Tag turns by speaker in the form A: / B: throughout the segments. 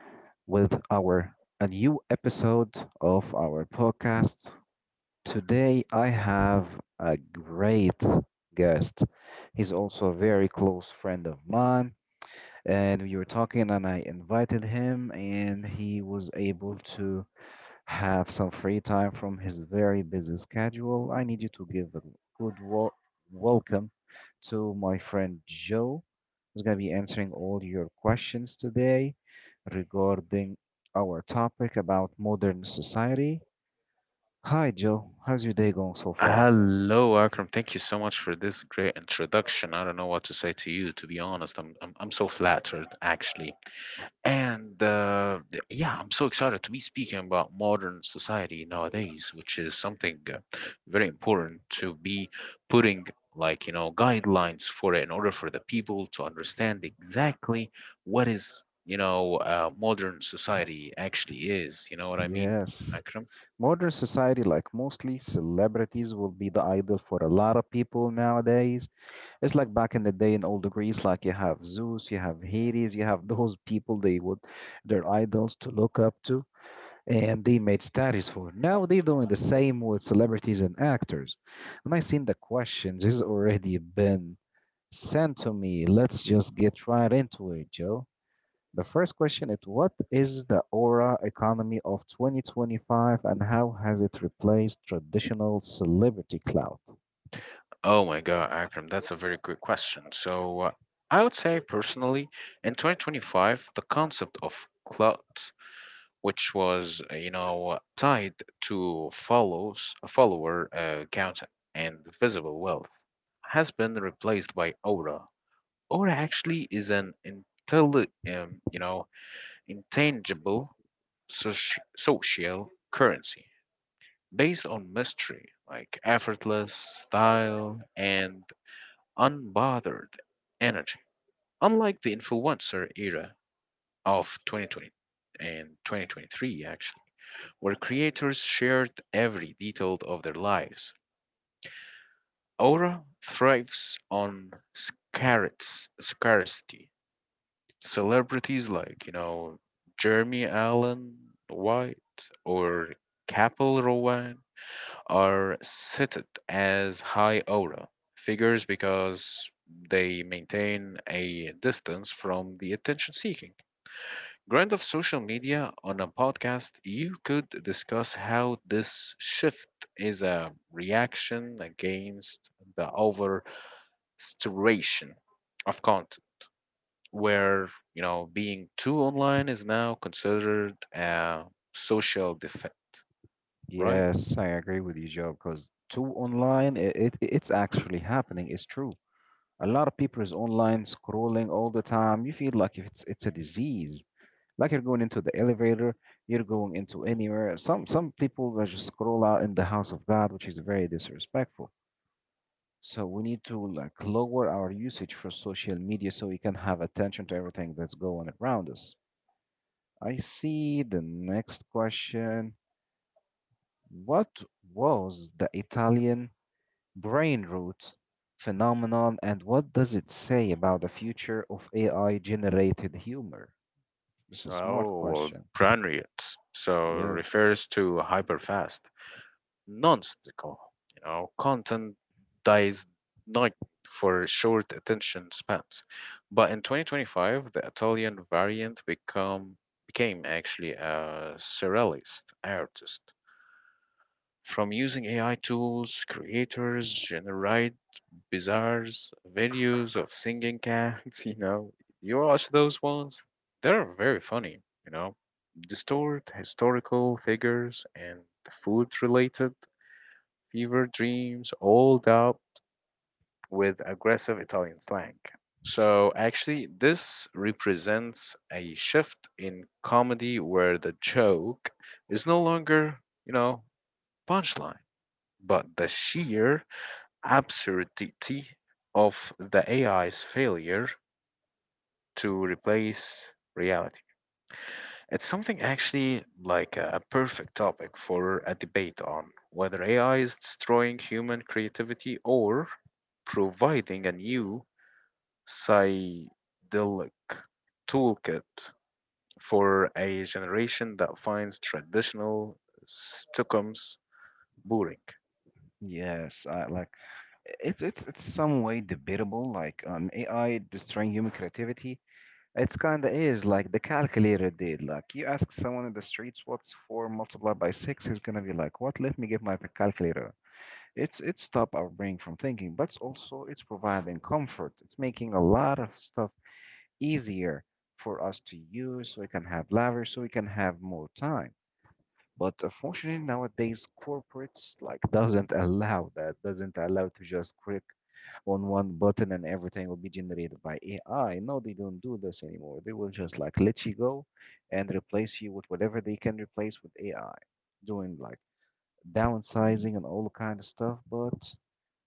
A: with our a new episode of our podcast. Today, I have a great guest. He's also a very close friend of mine, and we were talking and I invited him and he was able to have some free time from his very busy schedule. I need you to give a good welcome to my friend Joe, who's going to be answering all your questions today regarding our topic about modern society. Hi, Joe. How's your day going so far?
B: Hello, Akram. Thank you so much for this great introduction. I don't know what to say to you, to be honest. I'm so flattered, actually. And yeah, I'm so excited to be speaking about modern society nowadays, which is something very important to be putting guidelines for it in order for the people to understand exactly what is, modern society actually is. You know what I mean,
A: Yes.
B: Akram?
A: Modern society, like mostly celebrities, will be the idol for a lot of people nowadays. It's like back in the day in old Greece, like you have Zeus, you have Hades, you have those people they would, their idols to look up to, and they made statues for. Now they're doing the same with celebrities and actors. And I seen the questions, this has already been sent to me. Let's just get right into it, Joe. The first question is, what is the aura economy of 2025 and how has it replaced traditional celebrity clout?
B: Oh my God, Akram, that's a very good question. So, I would say personally, in 2025, the concept of clout which was tied to follows follower count and visible wealth, has been replaced by aura. Aura actually is an um, you know intangible social currency based on mystery, like effortless style and unbothered energy. Unlike the influencer era of 2020 and 2023, actually, where creators shared every detail of their lives. Aura thrives on scarcity. Celebrities Jeremy Allen White or Kapil Rowan are cited as high aura figures because they maintain a distance from the attention seeking. Grind of social media on a podcast, you could discuss how this shift is a reaction against the over saturation of content, where being too online is now considered a social defect, right?
A: Yes, I agree with you, Joe, because too online, it's actually happening. It's true. A lot of people is online scrolling all the time. You feel like if it's a disease. Like you're going into the elevator, you're going into anywhere. Some people will just scroll out in the house of God, which is very disrespectful. So we need to like lower our usage for social media so we can have attention to everything that's going around us. I see the next question. What was the Italian brain roots phenomenon and what does it say about the future of AI generated humor? It's a smart
B: Oh,
A: question.
B: brilliant. So refers
A: Yes.
B: to hyperfast, nonsensical, content dies not for short attention spans. But in 2025, the Italian variant become became actually a surrealist artist. From using AI tools, creators generate bizarre videos of singing cats. You know, you watch those ones; they're very funny. You know, Distort historical figures and food-related fever dreams, all up with aggressive Italian slang. So actually, this represents a shift in comedy where the joke is no longer, you know, punchline, but the sheer absurdity of the AI's failure to replace reality. It's something actually like a perfect topic for a debate on whether AI is destroying human creativity or providing a new psychedelic toolkit for a generation that finds traditional Stockholm's boring.
A: Yes, I like, it's some way debatable like an AI destroying human creativity. It's kind of is like the calculator did. Like you ask someone in the streets what's 4 multiplied by 6, he's going to be like, "What? Let me get my calculator." It stop our brain from thinking, but it's also it's providing comfort. It's making a lot of stuff easier for us to use, so we can have leverage, so we can have more time. But unfortunately, nowadays corporates like doesn't allow that, doesn't allow to just click on one button and everything will be generated by AI. No, they don't do this anymore. They will just like let you go and replace you with whatever they can replace with AI, doing like downsizing and all kind of stuff. But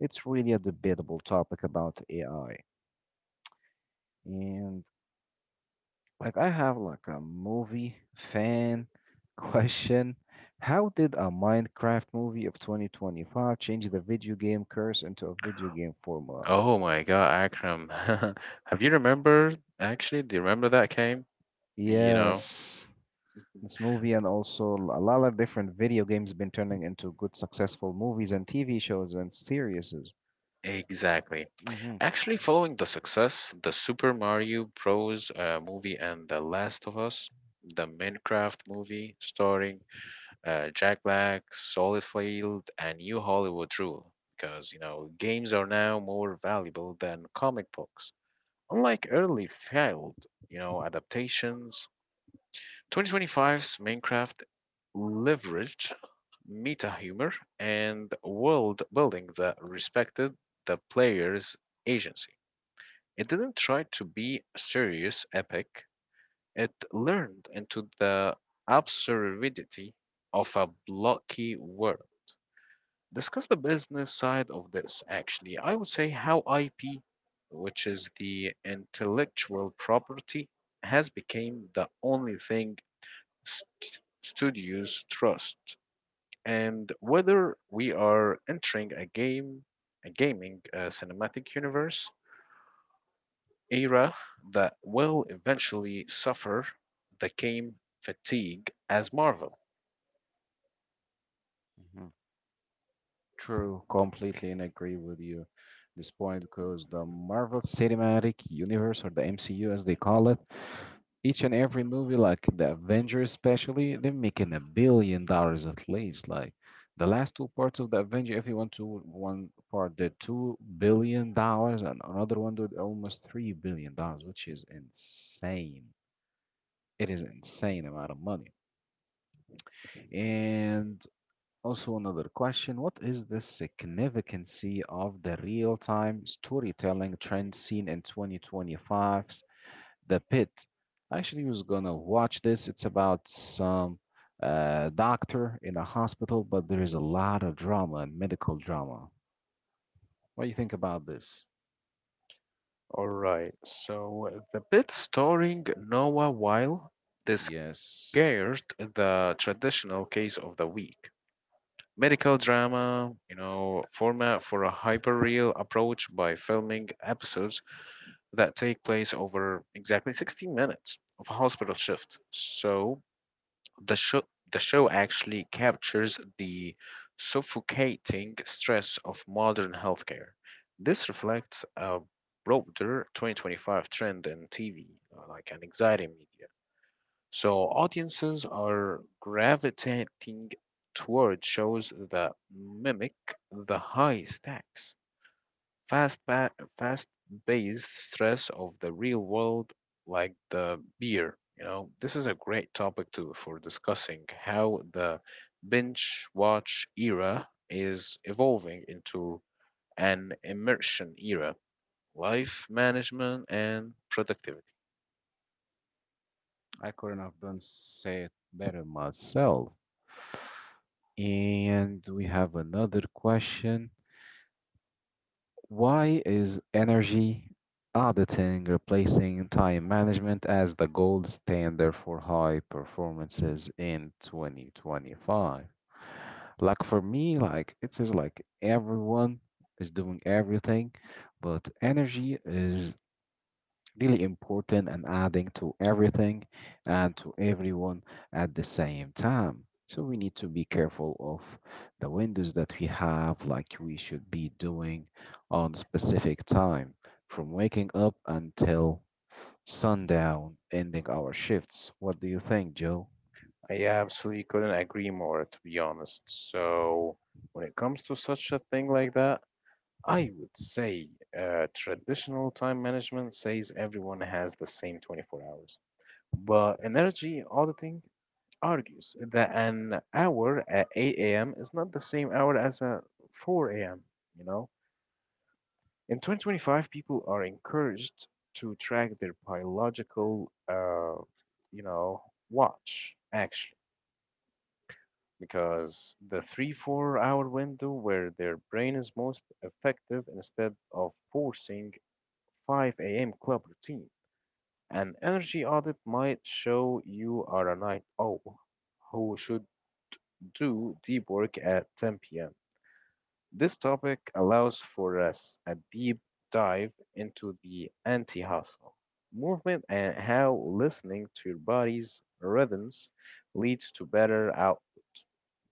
A: it's really a debatable topic about AI. And like I have like a movie fan question. How did a Minecraft movie of 2025 change the video game curse into a video game formula?
B: Oh my God, Akram. Have you remembered? Actually, do you remember that game? You know.
A: Yes. This movie and also a lot of different video games been turning into good successful movies and TV shows and series.
B: Exactly.
A: hmm
B: Actually, following the success, the Super Mario Bros. Movie and The Last of Us, the Minecraft movie starring Jack Black, Solidfield, and New Hollywood Rule, because games are now more valuable than comic books. Unlike early failed, adaptations, 2025's Minecraft leveraged meta humor and world building that respected the player's agency. It didn't try to be serious epic, it learned into the absurdity of a blocky world. Discuss the business side of this, actually. I would say how IP, which is the intellectual property, has become the only thing studios trust, and whether we are entering a gaming cinematic universe era that will eventually suffer the game fatigue as Marvel.
A: True, completely and agree with you this point because the Marvel Cinematic Universe, or the MCU as they call it, each and every movie like the Avengers especially, they're making $1 billion at least. Like the last two parts of the Avenger, if you want to, one part did $2 billion and another one did almost $3 billion, which is insane. It is insane amount of money. And also, another question, what is the significance of the real time storytelling trend seen in 2025's The Pit? I actually was gonna watch this. It's about some doctor in a hospital, but there is a lot of drama and medical drama. What do you think about this?
B: All right, so the bit starring Noah Weil
A: Yes.
B: discarded the traditional case of the week. Medical drama, format for a hyperreal approach by filming episodes that take place over exactly 60 minutes of a hospital shift. So the show the show actually captures the suffocating stress of modern healthcare. This reflects a broader 2025 trend in TV, like an anxiety media. So audiences are gravitating toward shows that mimic the high stakes Fast pa- fast based stress of the real world, like the beer. This is a great topic too for discussing how the binge watch era is evolving into an immersion era, life management and productivity.
A: I couldn't have done say it better myself. And we have another question. Why is energy auditing replacing time management as the gold standard for high performances in 2025? Like for me, like it is like everyone is doing everything, but energy is really important and adding to everything and to everyone at the same time. So we need to be careful of the windows that we have, like we should be doing on specific time from waking up until sundown, ending our shifts. What do you think, Joe?
B: I absolutely couldn't agree more, to be honest. So when it comes to such a thing like that, I would say traditional time management says everyone has the same 24 hours, but energy auditing argues that an hour at 8 a.m. is not the same hour as a 4 a.m. You know, in 2025, people are encouraged to track their biologicalyou know, watch actually, because the three four hour window where their brain is most effective instead of forcing 5 a.m. club routine. An energy audit might show you are a night owl who should do deep work at 10 p.m. This topic allows for us a deep dive into the anti hustle movement and how listening to your body's rhythms leads to better out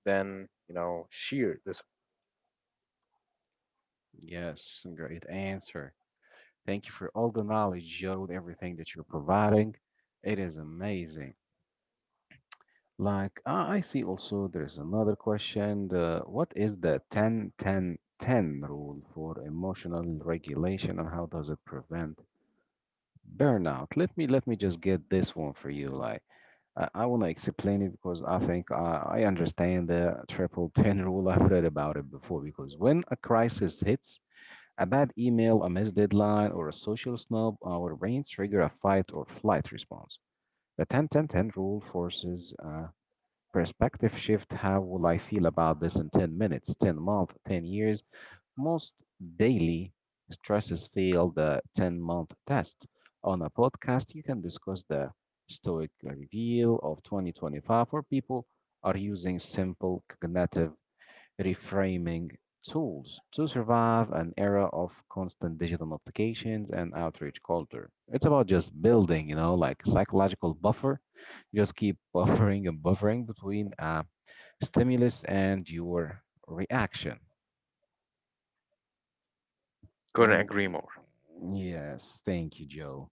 B: than, sheer discipline.
A: Yes, great answer. Thank you for all the knowledge, Joe, everything that you're providing. It is amazing. Like, I see also there is another question. What is the 10 10 10 rule for emotional regulation and how does it prevent burnout? Let me just get this one for you. Like, I want to explain it because I think I understand the triple 10 rule. I've read about it before because when a crisis hits, a bad email, a missed deadline, or a social snub, our brains trigger a fight or flight response. The 10 10 10 rule forces perspective shift. How will I feel about this in 10 minutes, 10 months, 10 years? Most daily stresses fail the 10-month test. On a podcast, you can discuss the stoic reveal of 2025 where people are using simple cognitive reframing tools to survive an era of constant digital notifications and outreach culture. It's about just building, like psychological buffer. Just keep buffering and buffering between stimulus and your reaction.
B: Couldn't
A: And
B: agree more.
A: yes, thank you, Joe.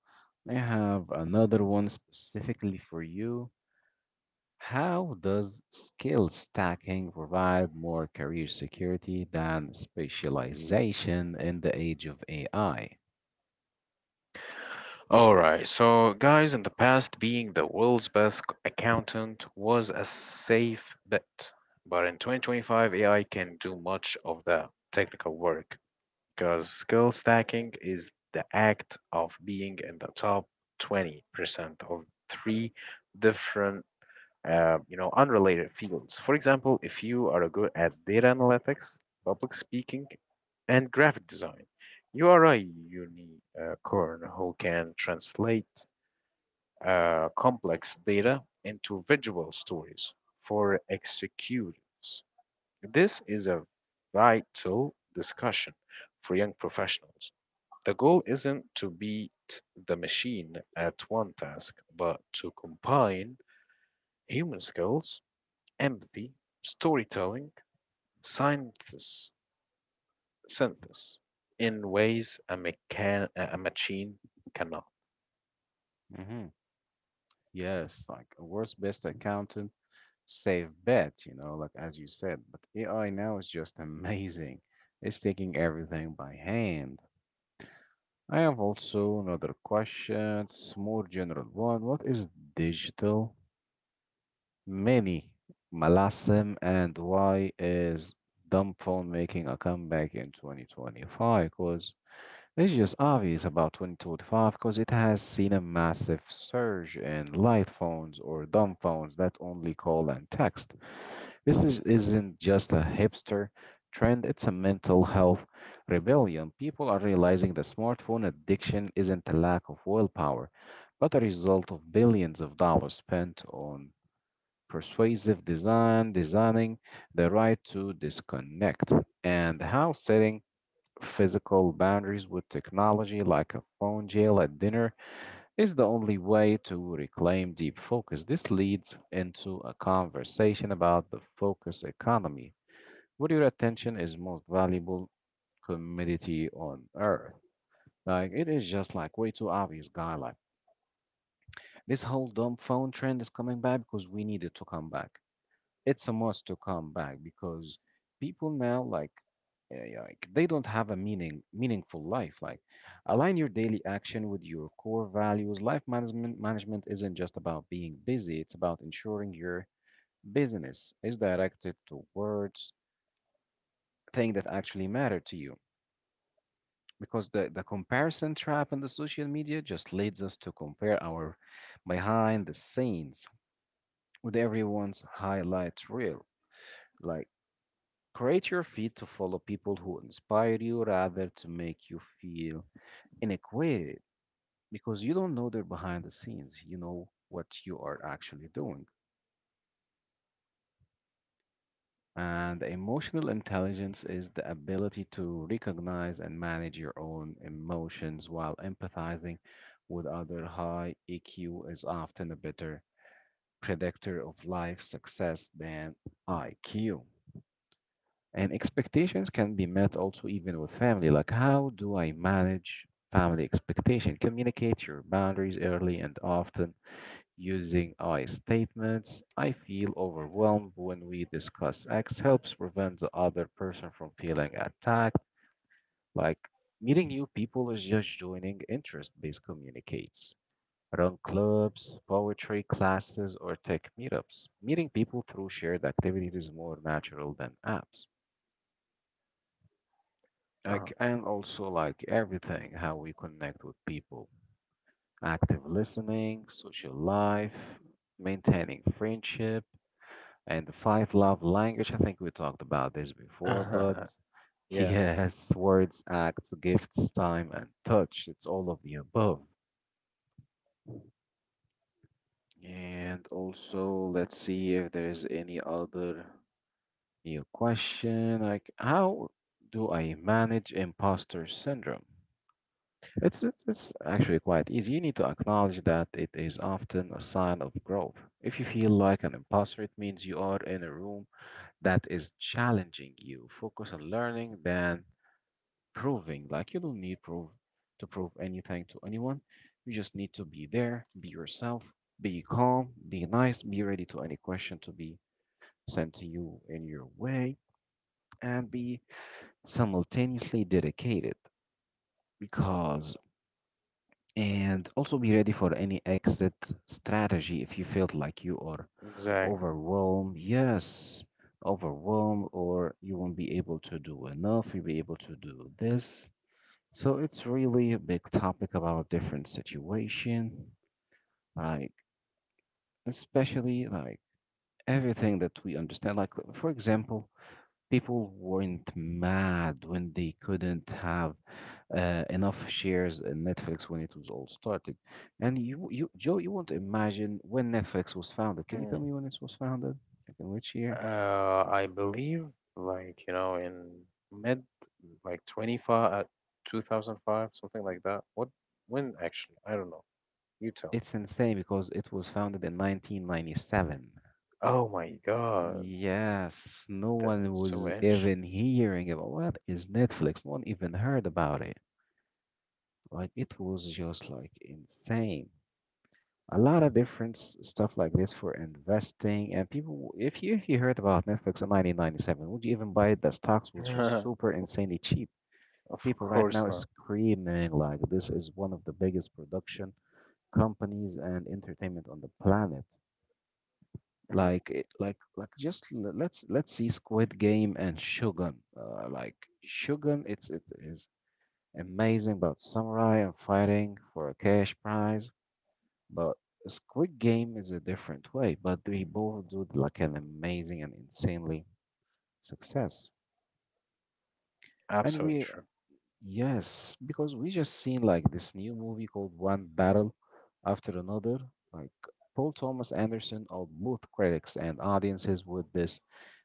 A: I have another one specifically for you. How does skill stacking provide more career security than specialization in the age of AI?
B: Alright, so guys, in the past, being the world's best accountant was a safe bet. But in 2025, AI can do much of the technical work because skill stacking is the act of being in the top 20% of three different, unrelated fields. For example, if you are good at data analytics, public speaking, and graphic design, you are a unicorn who can translate complex data into visual stories for executives. This is a vital discussion for young professionals. The goal isn't to beat the machine at one task, but to combine human skills, empathy, storytelling, synthesis, synthesis in ways a machine cannot.
A: hmm Yes, like a world's best accountant, safe bet, you know, like as you said. But AI now is just amazing. It's taking everything by hand. I have also another question. It's more general one. What is digital mini malasm and why is dumb phone making a comeback in 2025? Because it's just obvious about 2025 because it has seen a massive surge in light phones or dumb phones that only call and text. This isn't just a hipster trend, it's a mental health rebellion. People are realizing the smartphone addiction isn't a lack of willpower, but a result of billions of dollars spent on persuasive design, designing the right to disconnect, and how setting physical boundaries with technology, like a phone jail at dinner, is the only way to reclaim deep focus. This leads into a conversation about the focus economy, where your attention is most valuable commodity on earth. Like it is just like way too obvious, guy. Like this whole dumb phone trend is coming back because we need it to come back. It's a must to come back because people now like, yeah, like they don't have a meaningful life. Like align your daily action with your core values. Life management isn't just about being busy, it's about ensuring your business is directed towards things that actually matter to you, because the comparison trap in the social media just leads us to compare our behind the scenes with everyone's highlight reel. Like create your feed to follow people who inspire you rather to make you feel inadequate because you don't know they're behind the scenes. You know what you are actually doing. And emotional intelligence is the ability to recognize and manage your own emotions while empathizing with others. High EQ is often a better predictor of life success than IQ. And expectations can be met also even with family. Like, how do I manage family expectation? Communicate your boundaries early and often using I statements. I feel overwhelmed when we discuss X helps prevent the other person from feeling attacked. Like, meeting new people is just joining interest-based communicates. Run clubs, poetry classes, or tech meetups. Meeting people through shared activities is more natural than apps. Like, and also like everything, how we connect with people, active listening, social life, maintaining friendship, and the five love language. I think we talked about this before, but
B: Uh-huh. Yeah,
A: yes, words, acts, gifts, time, and touch. It's all of the above. And also, let's see if there is any other new question. Like, how do I manage imposter syndrome? It's actually quite easy. You need to acknowledge that it is often a sign of growth. If you feel like an imposter, it means you are in a room that is challenging you. Focus on learning than proving. Like you don't need prove to prove anything to anyone. You just need to be there, be yourself, be calm, be nice, be ready to any question to be sent to you in your way, and be simultaneously dedicated, because. And also be ready for any exit strategy if you feel like you are
B: exactly.
A: overwhelmed. Yes, overwhelmed, or you won't be able to do enough, you'll be able to do this. So it's really a big topic about different situation, like especially like everything that we understand. Like for example, people weren't mad when they couldn't have enough shares in Netflix when it was all started. And you, Joe, you won't imagine when Netflix was founded. Can you tell me when it was founded? Like in which year?
B: I believe, in mid, like 25, uh, 2005, something like that. When actually? I don't know. You tell me.
A: It's insane because it was founded in 1997.
B: Oh my God,
A: Yes, no
B: that's
A: one
B: so
A: was
B: ancient.
A: even hearing about what is Netflix. No one even heard about it. Like it was just like insane. A lot of different stuff like this for investing. And people, if you heard about Netflix in 1997, would you even buy it? The stocks was just super insanely cheap.
B: Of
A: People right now
B: course
A: is
B: not.
A: screaming like this is one of the biggest production companies and entertainment on the planet.
B: Mhm.
A: Like it- like just l- let's see Squid Game and Shogun. Like Shogun, it is amazing about samurai and fighting for a cash prize, but Squid Game is a different way, but they both do like an amazing and insanely success. And
B: Absolutely
A: we,
B: true.
A: yes, because we just seen like this new movie called One Battle After Another. Like Paul Thomas Anderson or both critics and audiences with this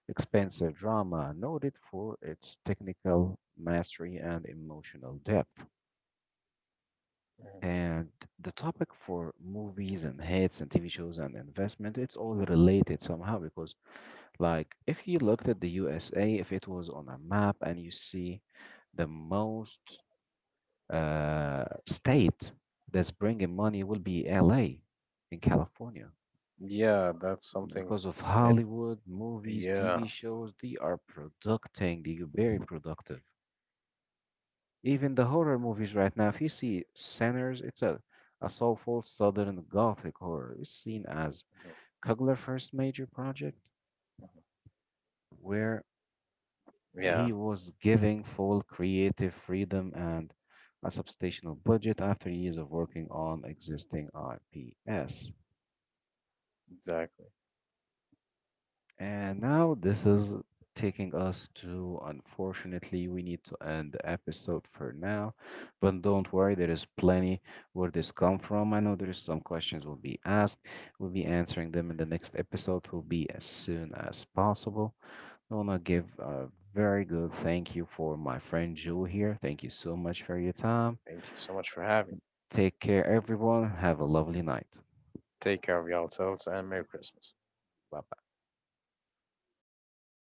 A: expensive drama, noted for its technical mastery and emotional depth.
B: Mhm.
A: And the topic for movies and hits and TV shows and investment, it's all related somehow. Because like, if you looked at the USA, if it was on a map and you see the most state that's bringing money will be LA in California
B: Yeah, that's something.
A: because of
B: It,
A: Hollywood movies,
B: yeah.
A: TV shows. They are producing, they are very productive. Even the horror movies right now, if you see Sinners, it's a soulful Southern Gothic horror. It's seen as
B: Mhm.
A: Kugler first major project where
B: Yeah,
A: he was giving full creative freedom and a substantial budget after years of working on existing IPs.
B: exactly.
A: And now this is taking us to, unfortunately, we need to end the episode for now. But don't worry, there is plenty where this come from. I know there is some questions will be asked. We'll be answering them in the next episode. Will be as soon as possible. I want to give a very good thank you for my friend Jewel here. Thank you so much for your time.
B: Thank you so much for having me.
A: Take care, everyone. Have a lovely night.
B: Take care of yourselves and Merry Christmas.
A: Bye.